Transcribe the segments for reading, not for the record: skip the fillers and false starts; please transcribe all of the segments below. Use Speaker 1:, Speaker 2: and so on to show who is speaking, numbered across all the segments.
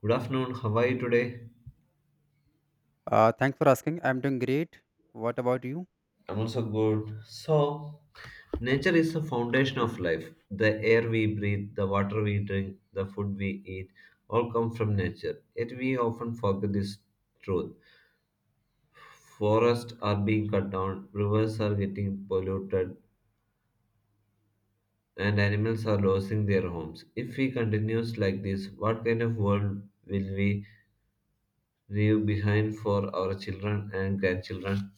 Speaker 1: Good afternoon. How are you today?
Speaker 2: Thanks for asking. I'm doing great. What about you?
Speaker 1: I'm also good. So, nature is the foundation of life. The air we breathe, the water we drink, the food we eat all come from nature. Yet we often forget this truth. Forests are being cut down, rivers are getting polluted, and animals are losing their homes. If we continue like this, what kind of world will we leave behind for our children and grandchildren?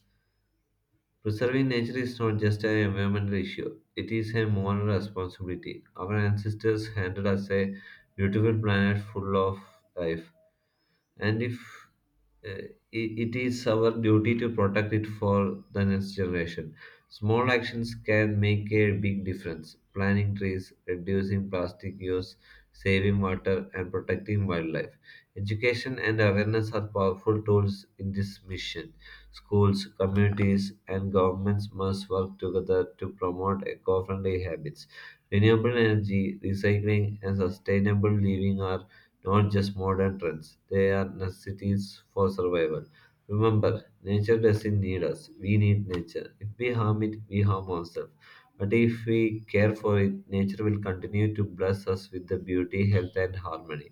Speaker 1: Preserving nature is not just an environmental issue, it is a moral responsibility. Our ancestors handed us a beautiful planet full of life, and if uh, I- it is our duty to protect it for the next generation. Small actions can make a big difference. Planting trees, reducing plastic use, saving water, and protecting wildlife. Education and awareness are powerful tools in this mission. Schools, communities, and governments must work together to promote eco friendly habits. Renewable energy, recycling, and sustainable living are not just modern trends. They are necessities for survival. Remember, nature doesn't need us, we need nature. If we harm it, we harm ourselves. But if we care for it, nature will continue to bless us with the beauty, health, and harmony.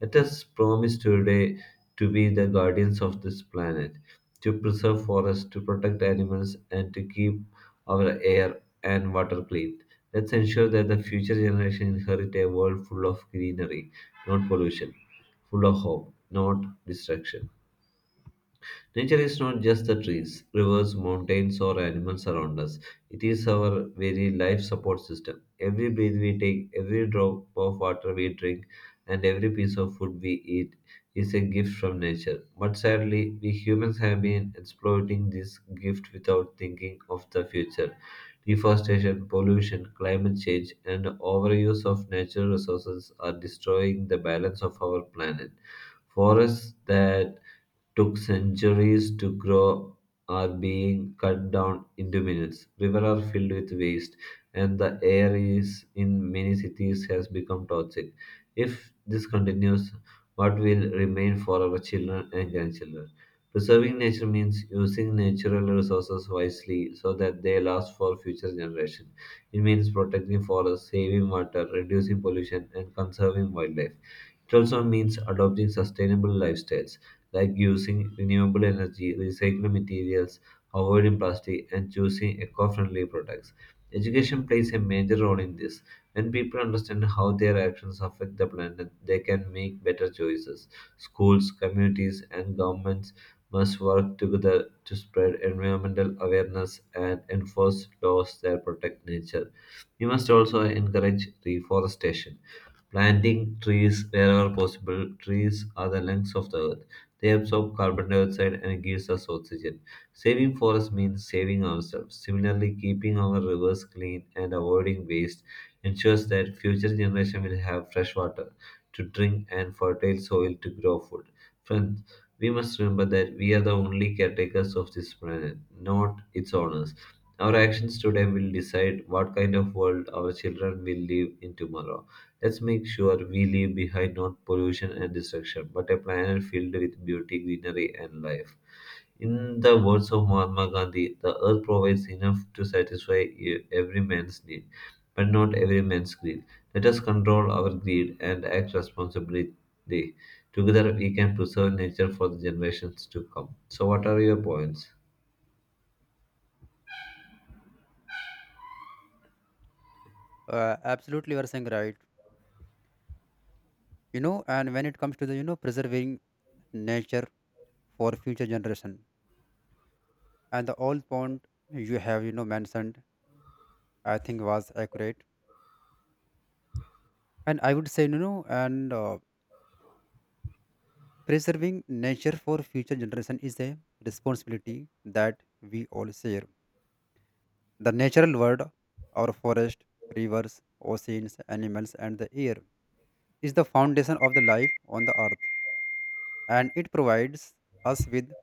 Speaker 1: Let us promise today to be the guardians of this planet, to preserve forests, to protect animals, and to keep our air and water clean. Let's ensure that the future generation inherit a world full of greenery not pollution; full of hope, not destruction. Nature is not just the trees, rivers, mountains, or animals around us. It is our very life support system. Every breath we take, every drop of water we drink, and every piece of food we eat is a gift from nature. But sadly, we humans have been exploiting this gift without thinking of the future. Deforestation, pollution, climate change, and overuse of natural resources are destroying the balance of our planet. Forests that took centuries to grow are being cut down into minutes. Rivers are filled with waste, and the air is in many cities has become toxic. If this continues, what will remain for our children and grandchildren? Preserving nature means using natural resources wisely so that they last for future generations. It means protecting forests, saving water, reducing pollution, and conserving wildlife. It also means adopting sustainable lifestyles like using renewable energy, recycling materials, avoiding plastic, and choosing eco friendly products. Education plays a major role in this. When people understand how their actions affect the planet, they can make better choices. Schools, communities, and governments must work together to spread environmental awareness and enforce laws that protect nature. We must also encourage reforestation planting trees wherever possible. Trees are the lungs of the earth. They absorb carbon dioxide and gives us oxygen. Saving forests means saving ourselves. Similarly, keeping our rivers clean and avoiding waste ensures that future generations will have fresh water to drink and fertile soil to grow food. Friends, we must remember that we are the only caretakers of this planet, not its owners. Our actions today will decide what kind of world our children will live in tomorrow. Let's make sure we leave behind not pollution and destruction, but a planet filled with beauty, greenery, and life. In the words of Mahatma Gandhi, the earth provides enough to satisfy every man's need, but not every man's greed. Let us control our greed and act responsibly. Together, we can preserve nature for the generations to come. So, what are your points?
Speaker 2: Absolutely, you are saying right. And when it comes to the preserving nature for future generation, and the all point you have mentioned, I think was accurate. And I would say you know, and preserving nature for future generation is a responsibility that we all share. The natural world, our forest, rivers, oceans, animals, and the air is the foundation of the life on the earth, and it provides us with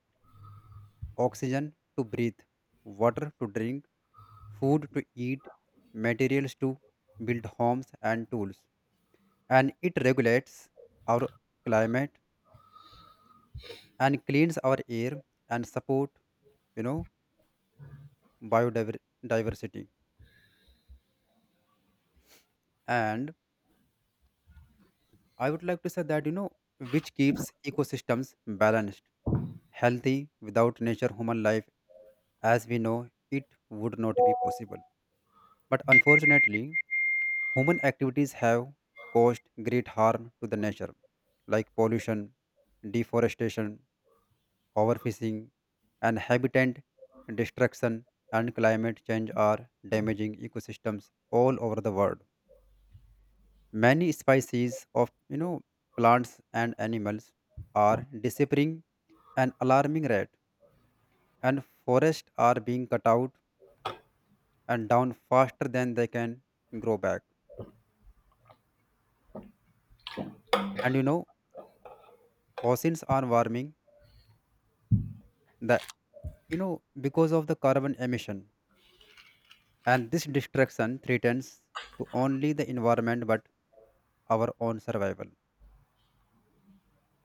Speaker 2: oxygen to breathe, water to drink, food to eat, materials to build homes and tools. And it regulates our climate and cleans our air and support, you know, biodiversity. And I would like to say that, which keeps ecosystems balanced, healthy. Without nature, human life, as we know, it would not be possible. But unfortunately, human activities have caused great harm to the nature, like pollution, deforestation, overfishing, and habitat destruction and climate change are damaging ecosystems all over the world. Many species of plants and animals are disappearing an alarming rate, and forests are being cut out and down faster than they can grow back. And you know, Oceans are warming, the you know because of the carbon emission, and this destruction threatens to only the environment but our own survival.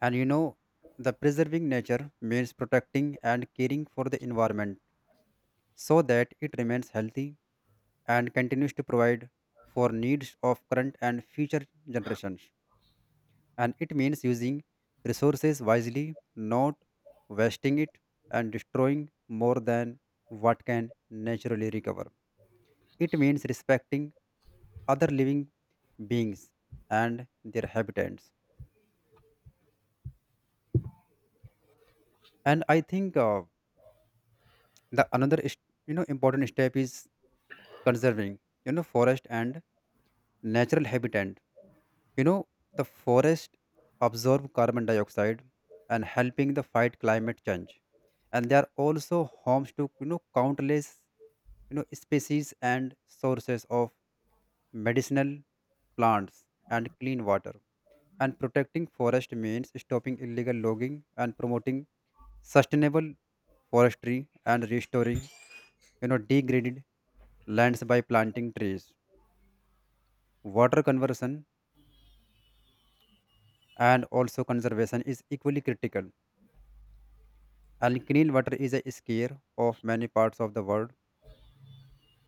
Speaker 2: And you know the preserving nature means protecting and caring for the environment so that it remains healthy and continues to provide for needs of current and future generations, and it means using resources wisely, not wasting it and destroying more than what can naturally recover. It means respecting other living beings and their habitats. And I think the another is- important step is conserving forest and natural habitat. You know the forest absorb carbon dioxide and helping the fight climate change. And they are also homes to countless species and sources of medicinal plants and clean water. And protecting forest means stopping illegal logging and promoting sustainable forestry and restoring, degraded lands by planting trees. Water conversion and also conservation is equally critical. And clean water is a scare of many parts of the world,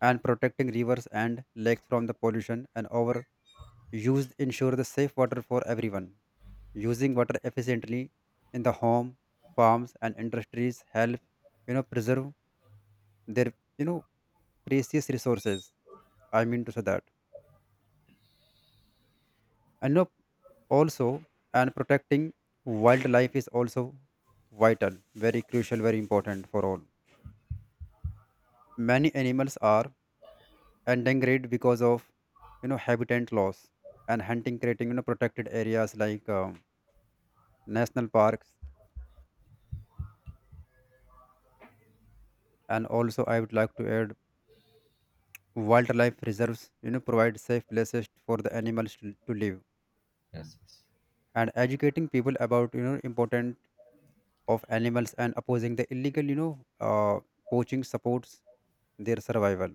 Speaker 2: and protecting rivers and lakes from the pollution and overuse ensure the safe water for everyone. Using water efficiently in the home, farms, and industries help preserve their you know precious resources. I mean to say that. And you know, also and protecting wildlife is also vital, very crucial, very important for all. Many animals are and degrade because of habitat loss and hunting, creating protected areas like national parks, and also I would like to add wildlife reserves provide safe places for the animals to live,
Speaker 1: Yes, yes.
Speaker 2: and educating people about important of animals and opposing the illegal uh, poaching supports their survival.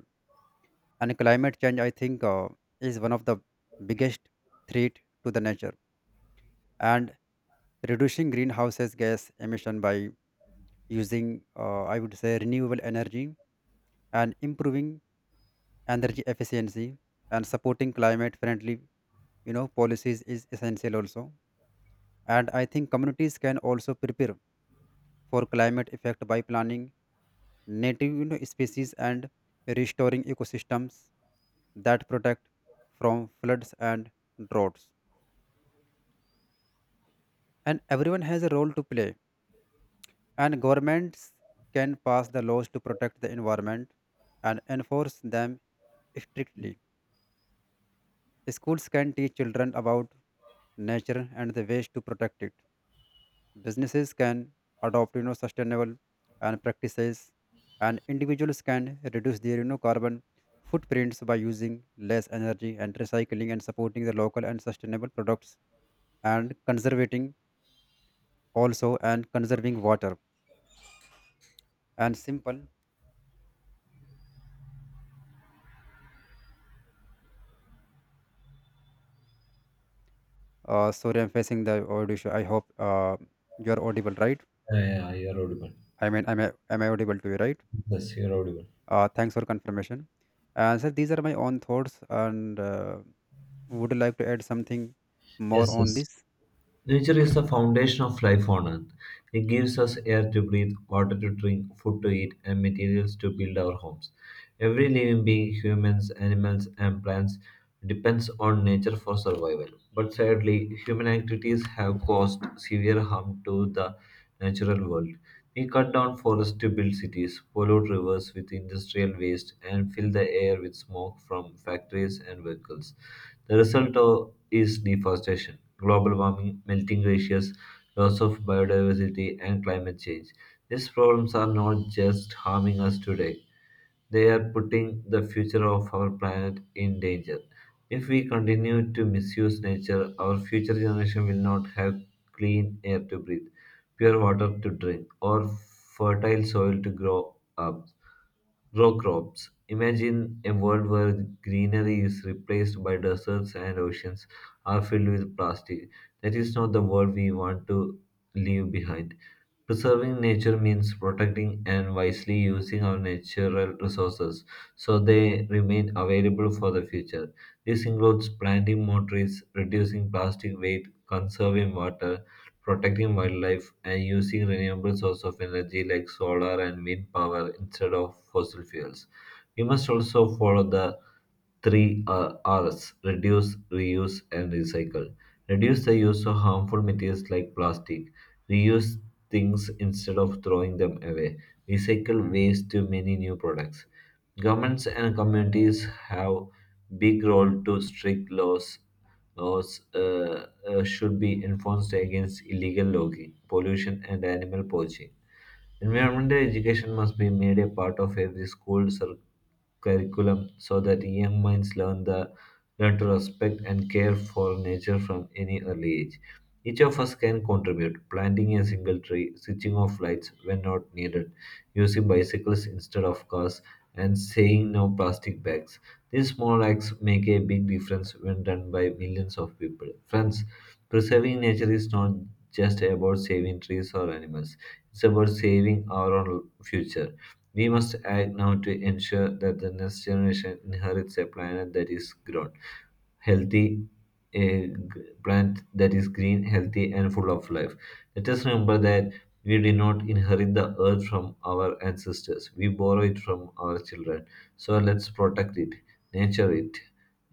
Speaker 2: And climate change, I think is one of the biggest threat to the nature, and reducing greenhouse gas emission by using, I would say, renewable energy and improving energy efficiency and supporting climate friendly, policies is essential also. And I think communities can also prepare for climate effect by planning native, species and restoring ecosystems that protect from floods and droughts. And everyone has a role to play. And governments can pass the laws to protect the environment and enforce them strictly. Schools can teach children about nature and the ways to protect it. Businesses can adopt sustainable and practices, and individuals can reduce their carbon footprints by using less energy and recycling and supporting the local and sustainable products and conservating also and conserving water and simple. Sorry, I'm facing the audio issue. I hope you're audible, right?
Speaker 1: Yeah, yeah, you're audible.
Speaker 2: I mean, am I audible to you, right?
Speaker 1: Yes, you're audible.
Speaker 2: Thanks for confirmation. So these are my own thoughts, and would you like to add something more
Speaker 1: Yes,
Speaker 2: on
Speaker 1: yes.
Speaker 2: this?
Speaker 1: Nature is the foundation of life on Earth. It gives us air to breathe, water to drink, food to eat, and materials to build our homes. Every living being, humans, animals, and plants, depends on nature for survival. But sadly, human activities have caused severe harm to the natural world. We cut down forests to build cities, pollute rivers with industrial waste, and fill the air with smoke from factories and vehicles. The result is deforestation, global warming, melting glaciers, loss of biodiversity, and climate change. These problems are not just harming us today, they are putting the future of our planet in danger. If we continue to misuse nature, our future generation will not have clean air to breathe, pure water to drink, or fertile soil to grow crops. Imagine a world where greenery is replaced by deserts and oceans are filled with plastic. That is not the world we want to leave behind. Preserving nature means protecting and wisely using our natural resources so they remain available for the future. This includes planting more trees, reducing plastic weight, conserving water, protecting wildlife, and using renewable sources of energy like solar and wind power instead of fossil fuels. We must also follow the three R's reduce, reuse, and recycle. Reduce the use of harmful materials like plastic. Reuse things instead of throwing them away. Recycle waste to many new products. Governments and communities have big role to strict laws should be enforced against illegal logging, pollution, and animal poaching. Environmental education must be made a part of every school curriculum so that young minds learn to respect and care for nature from any early age. Each of us can contribute, planting a single tree, switching off lights when not needed, using bicycles instead of cars, and saying no plastic bags. These small acts make a big difference when done by millions of people. Friends, preserving nature is not just about saving trees or animals. It's about saving our own future. We must act now to ensure that the next generation inherits a planet that is grown, healthy, a plant that is green, healthy, and full of life. Let us remember that we did not inherit the earth from our ancestors, we borrow it from our children. So let's protect it, nurture it,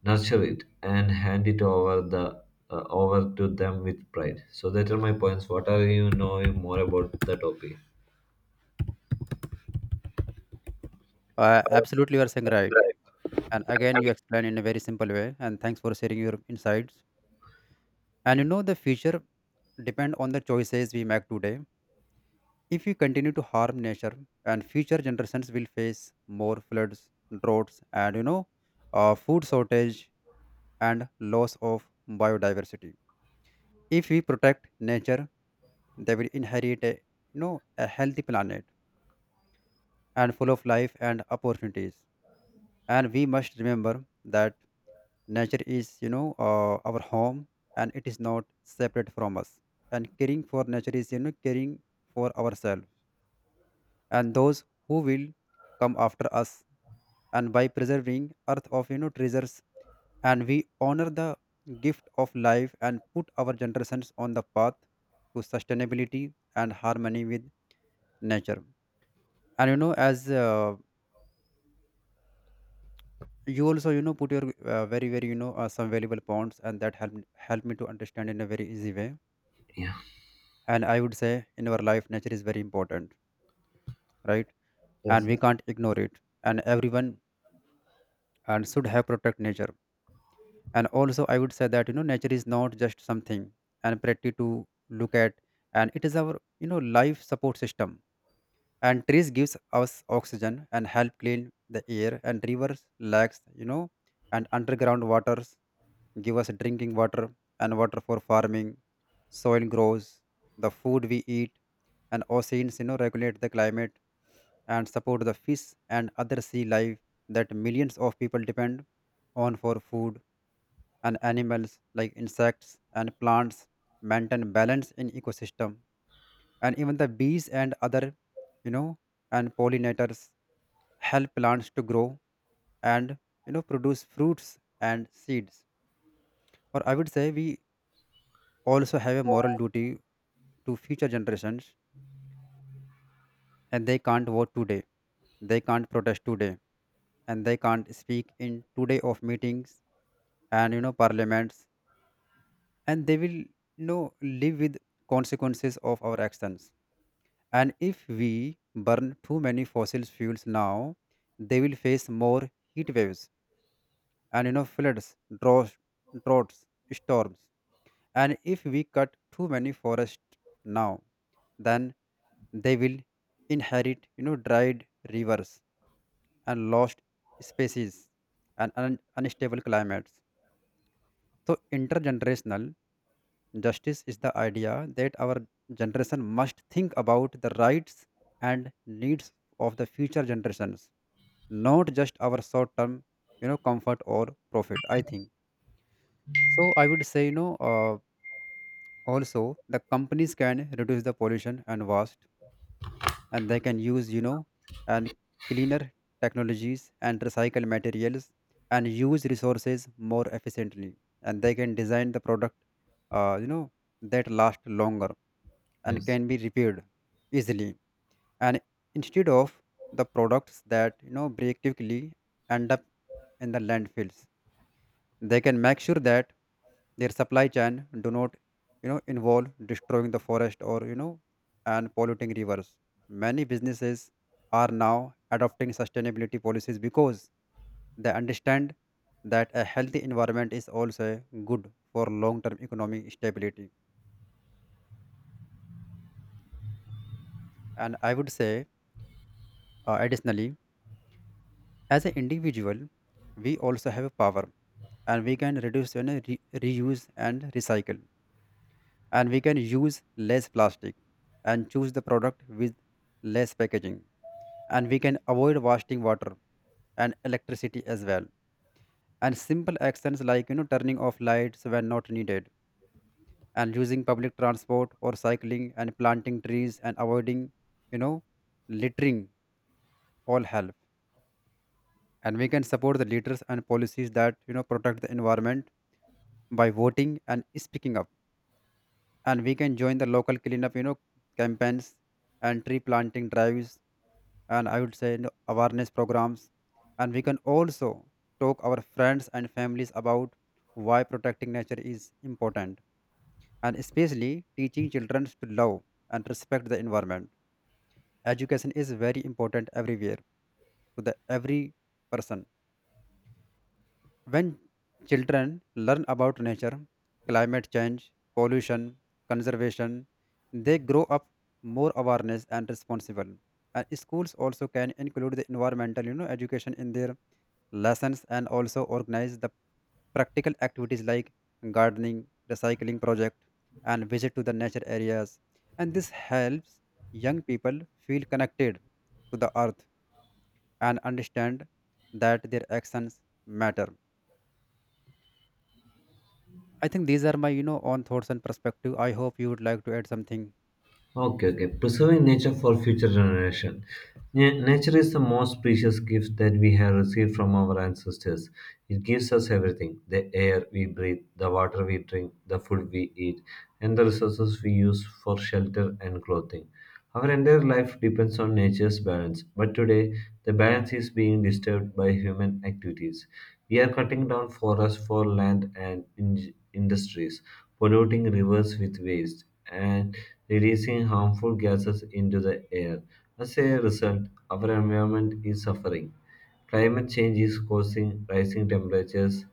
Speaker 1: nurture it, and hand it over to them with pride. So that are my points. What are you knowing more about the topic?
Speaker 2: Absolutely, you are saying right. And again, you explain in a very simple way. And thanks for sharing your insights. And you know, the future depend on the choices we make today. If we continue to harm nature, and future generations will face more floods, droughts, and food shortage and loss of biodiversity. If we protect nature, they will inherit a a healthy planet and full of life and opportunities. And we must remember that nature is our home, and it is not separate from us. And caring for nature is caring for ourselves and those who will come after us. And by preserving Earth of treasures, and we honor the gift of life and put our generations on the path to sustainability and harmony with nature. And you know as you also put your very some valuable points, and that helped me to understand in a very easy way.
Speaker 1: Yeah.
Speaker 2: And I would say in our life nature is very important, right? And
Speaker 1: Yes.
Speaker 2: we can't ignore it, and everyone and should have protect nature. And also I would say that you know nature is not just something and pretty to look at, and it is our life support system. And trees gives us oxygen and help clean the air, and rivers, lakes, and underground waters give us drinking water and water for farming. Soil grows the food we eat, and oceans regulate the climate and support the fish and other sea life that millions of people depend on for food. And animals like insects and plants maintain balance in ecosystem, and even the bees and other you know and pollinators help plants to grow and produce fruits and seeds. Or I would say we also have a moral duty to future generations, and they can't vote today, they can't protest today, and they can't speak in today of meetings and parliaments, and they will live with consequences of our actions. And if we burn too many fossil fuels now, they will face more heat waves and floods, droughts, storms. And if we cut too many forests now, then they will inherit dried rivers and lost species and unstable climates. So intergenerational justice is the idea that our generation must think about the rights and needs of the future generations, not just our short-term, comfort or profit. I think so. I would say, also the companies can reduce the pollution and waste, and they can use and cleaner technologies and recycle materials and use resources more efficiently. And they can design the product uh, you know that last longer and
Speaker 1: Yes.
Speaker 2: can be repaired easily, and instead of the products that break quickly end up in the landfills, they can make sure that their supply chain do not, involve destroying the forest or and polluting rivers. Many businesses are now adopting sustainability policies because they understand that a healthy environment is also good for long-term economic stability. And I would say, additionally, as an individual, we also have power, and we can reduce, reuse and recycle. And we can use less plastic and choose the product with less packaging, and we can avoid wasting water and electricity as well. And simple actions like turning off lights when not needed and using public transport or cycling and planting trees and avoiding you know littering all help. And we can support the leaders and policies that protect the environment by voting and speaking up, and we can join the local cleanup campaigns and tree planting drives and I would say awareness programs. And we can also talk our friends and families about why protecting nature is important, and especially teaching children to love and respect the environment. Education is very important everywhere to the every person. When children learn about nature, climate change, pollution, conservation, they grow up more awareness and responsible. And schools also can include the environmental, education in their lessons and also organize the practical activities like gardening, recycling project, and visit to the nature areas. And this helps young people feel connected to the earth and understand that their actions matter. I think these are my, own thoughts and perspective. I hope you would like to add something.
Speaker 1: Okay, okay. Preserving nature for future generation. Nature is the most precious gift that we have received from our ancestors. It gives us everything: the air we breathe, the water we drink, the food we eat, and the resources we use for shelter and clothing. Our entire life depends on nature's balance, but today the balance is being disturbed by human activities. We are cutting down forests for land and industries, polluting rivers with waste, and releasing harmful gases into the air. As a result, our environment is suffering. Climate change is causing rising temperatures,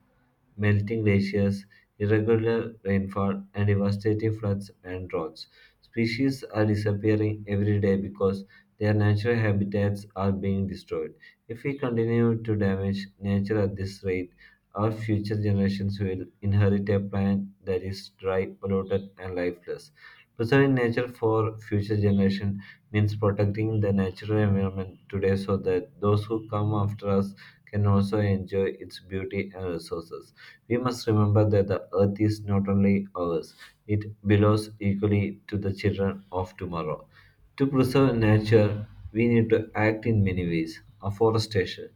Speaker 1: melting glaciers, irregular rainfall, and devastating floods and droughts. Species are disappearing every day because their natural habitats are being destroyed. If we continue to damage nature at this rate, our future generations will inherit a planet that is dry, polluted, and lifeless. Preserving nature for future generations means protecting the natural environment today so that those who come after us can also enjoy its beauty and resources. We must remember that the earth is not only ours, it belongs equally to the children of tomorrow. To preserve nature, we need to act in many ways. Afforestation.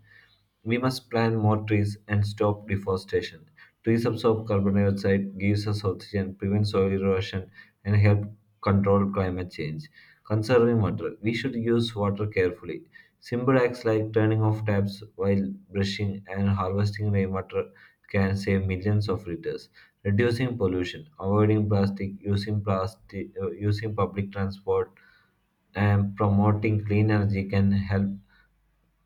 Speaker 1: We must plant more trees and stop deforestation. Trees absorb carbon dioxide, gives us oxygen, prevent soil erosion, and help control climate change. Conserving water. We should use water carefully. Simple acts like turning off taps while brushing and harvesting rainwater can save millions of liters, reducing pollution, avoiding plastic, using public transport, and promoting clean energy can help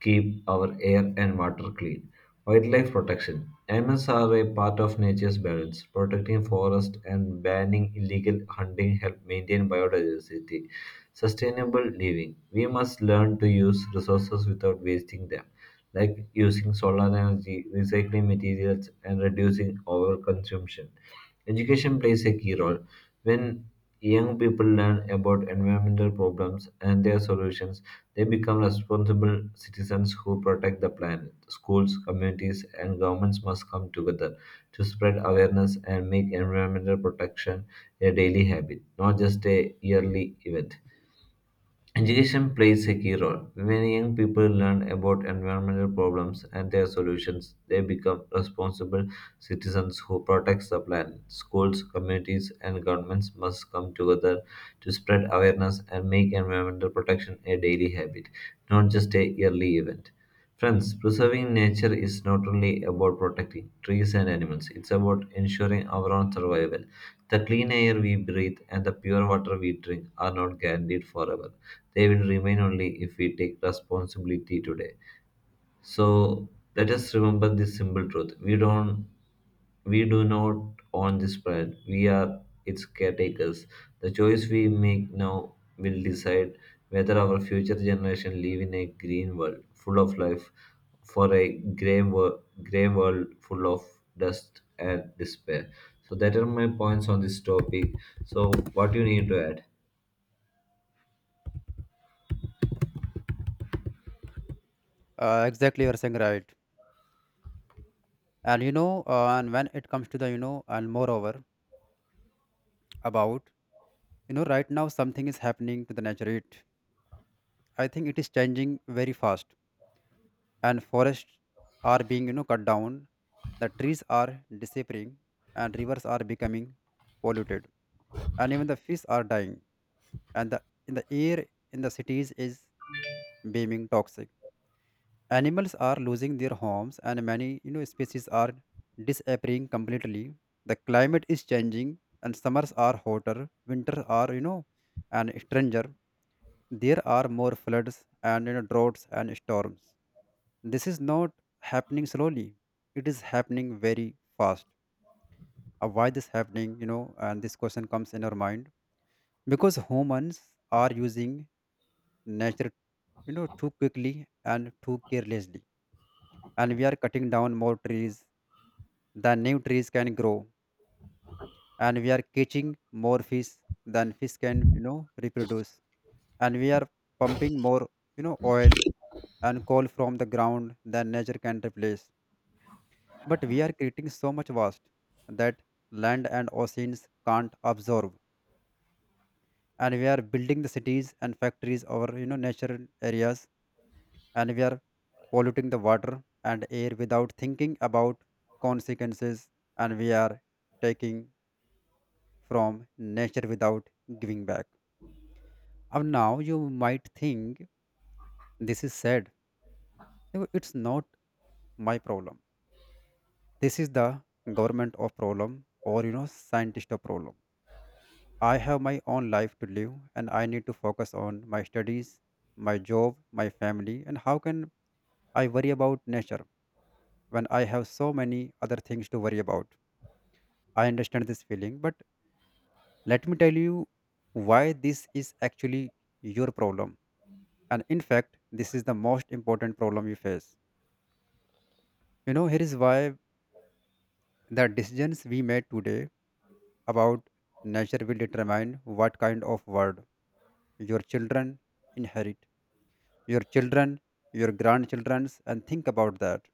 Speaker 1: keep our air and water clean. Wildlife protection. Animals are a part of nature's balance. Protecting forests and banning illegal hunting help maintain biodiversity. Sustainable living. We must learn to use resources without wasting them, like using solar energy, recycling materials, and reducing overconsumption. Education plays a key role. When young people learn about environmental problems and their solutions, they become responsible citizens who protect the planet. Schools, communities, and governments must come together to spread awareness and make environmental protection a daily habit, not just a yearly event. Education plays a key role. When young people learn about environmental problems and their solutions, they become responsible citizens who protect the planet. Schools, communities, and governments must come together to spread awareness and make environmental protection a daily habit, not just a yearly event. Friends, preserving nature is not only about protecting trees and animals, it's about ensuring our own survival. The clean air we breathe and the pure water we drink are not guaranteed forever. They will remain only if we take responsibility today. So let us remember this simple truth. We do not own this planet, we are its caretakers. The choice we make now will decide whether our future generation live in a green world full of life for a grey world full of dust and despair. So that are my points on this topic. So what you need to add?
Speaker 2: Exactly, you are saying right. And you know, and when it comes to the, and moreover about, right now something is happening to the nature. It, I think it is changing very fast, and forests are being, cut down. The trees are disappearing, and rivers are becoming polluted, and even the fish are dying, and the in the air in the cities is being toxic. Animals are losing their homes, and many species are disappearing completely. The climate is changing, and summers are hotter, winters are and stranger. There are more floods and droughts and storms. This is not happening slowly. It is happening very fast. Why this happening, and this question comes in our mind. Because humans are using nature, too quickly and too carelessly, and we are cutting down more trees than new trees can grow, and we are catching more fish than fish can reproduce, and we are pumping more oil and coal from the ground than nature can replace, but we are creating so much waste that land and oceans can't absorb, and we are building the cities and factories over natural areas, and we are polluting the water and air without thinking about consequences, and we are taking from nature without giving back. And now you might think this is sad. No, it's not my problem, this is the government of problem or scientist of problem. I have my own life to live, and I need to focus on my studies, my job, my family, and how can I worry about nature when I have so many other things to worry about? I understand this feeling, but let me tell you why this is actually your problem. And in fact, this is the most important problem you face. Here is why: the decisions we made today about nature will determine what kind of world your children inherit. Your children, your grandchildren's, and think about that.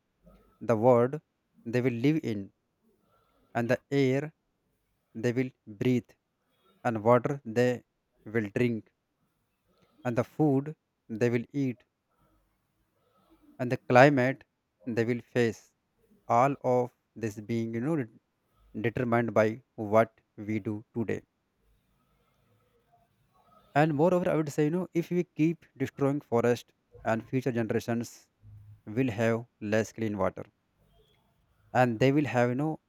Speaker 2: The world they will live in, and the air they will breathe, and water they will drink, and the food they will eat, and the climate they will face, all of this being determined by what we do today. And moreover, I would say, if we keep destroying forest, and future generations will have less clean water, and they will have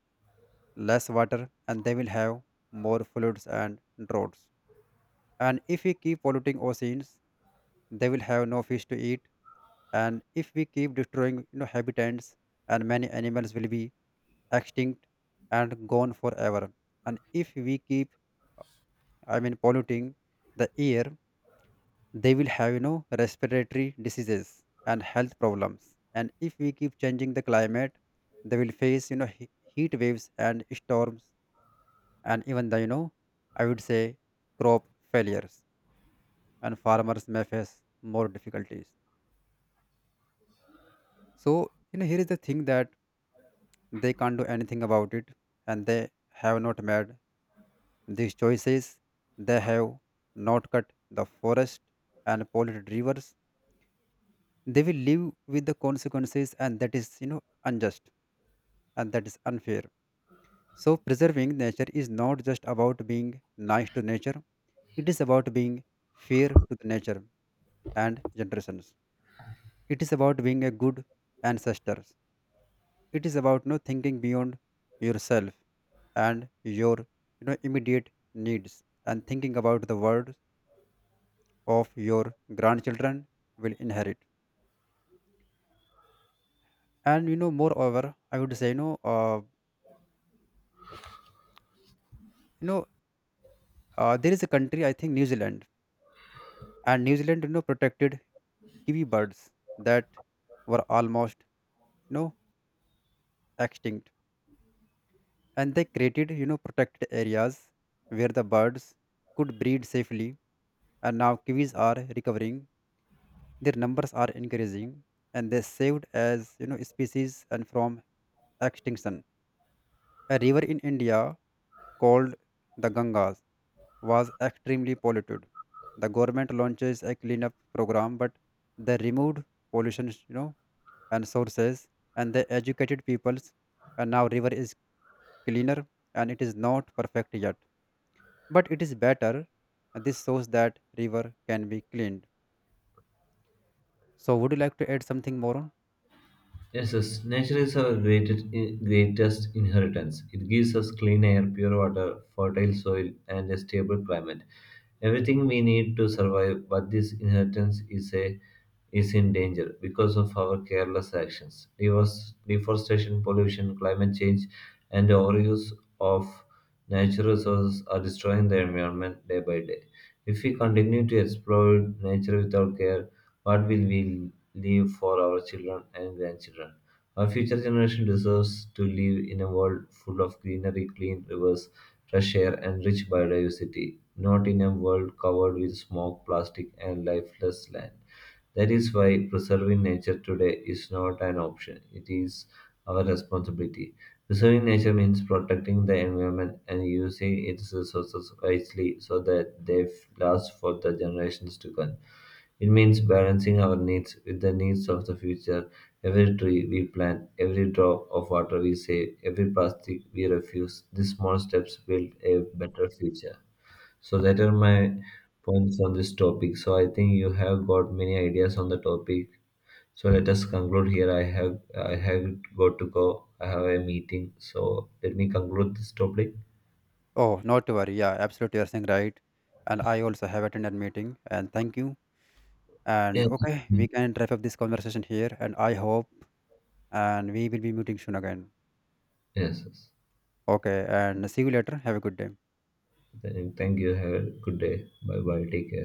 Speaker 2: less water, and they will have more floods and droughts, and if we keep polluting oceans, they will have no fish to eat, and if we keep destroying habitats, and many animals will be extinct and gone forever, and if we keep polluting the air, they will have respiratory diseases and health problems, and if we keep changing the climate, they will face heat waves and storms, and even the I would say crop failures, and farmers may face more difficulties. So, here is the thing that they can't do anything about it, and they have not made these choices. They have not cut the forest and polluted rivers. They will live with the consequences, and that is, unjust, and that is unfair. So, preserving nature is not just about being nice to nature, it is about being fair to the nature and generations. It is about being a good ancestor. It is about thinking beyond yourself and your immediate needs, and thinking about the world of your grandchildren will inherit. And moreover, I would say, you know, there is a country I think New Zealand, and New Zealand, protected kiwi birds that were almost you know extinct, and they created protected areas where the birds could breed safely, and now kiwis are recovering. Their numbers are increasing, and they saved as species and from extinction. A river in India called the Gangas was extremely polluted. The government launches a cleanup program, but they removed pollution, and sources, and they educated peoples. And now river is cleaner, and it is not perfect yet, but it is better. And this shows that river can be cleaned. So, would you like to add something more on?
Speaker 1: Yes, yes, nature is our greatest inheritance. It gives us clean air, pure water, fertile soil, and a stable climate. Everything we need to survive, but this inheritance is in danger because of our careless actions. Deforestation, pollution, climate change, and overuse of natural resources are destroying the environment day by day. If we continue to exploit nature without care, what will we leave for our children and grandchildren? Our future generation deserves to live in a world full of greenery, clean rivers, fresh air, and rich biodiversity, not in a world covered with smoke, plastic, and lifeless land. That is why preserving nature today is not an option, it is our responsibility. Preserving nature means protecting the environment and using its resources wisely so that they last for the generations to come. It means balancing our needs with the needs of the future. Every tree we plant, every drop of water we save, every plastic we refuse, these small steps build a better future. So that are my points on this topic. So I think you have got many ideas on the topic. So let us conclude here. I have got to go. I have a meeting. So let me conclude this topic.
Speaker 2: Oh, not to worry. Yeah, absolutely. You're saying right. And I also have attended meeting, and thank you. And
Speaker 1: Yes.
Speaker 2: okay, we can wrap up this conversation here, and I hope and we will be meeting soon again.
Speaker 1: Yes. yes.
Speaker 2: Okay, and see you later. Have a good day.
Speaker 1: Then Thank you. Have a good day. Bye bye. Take care.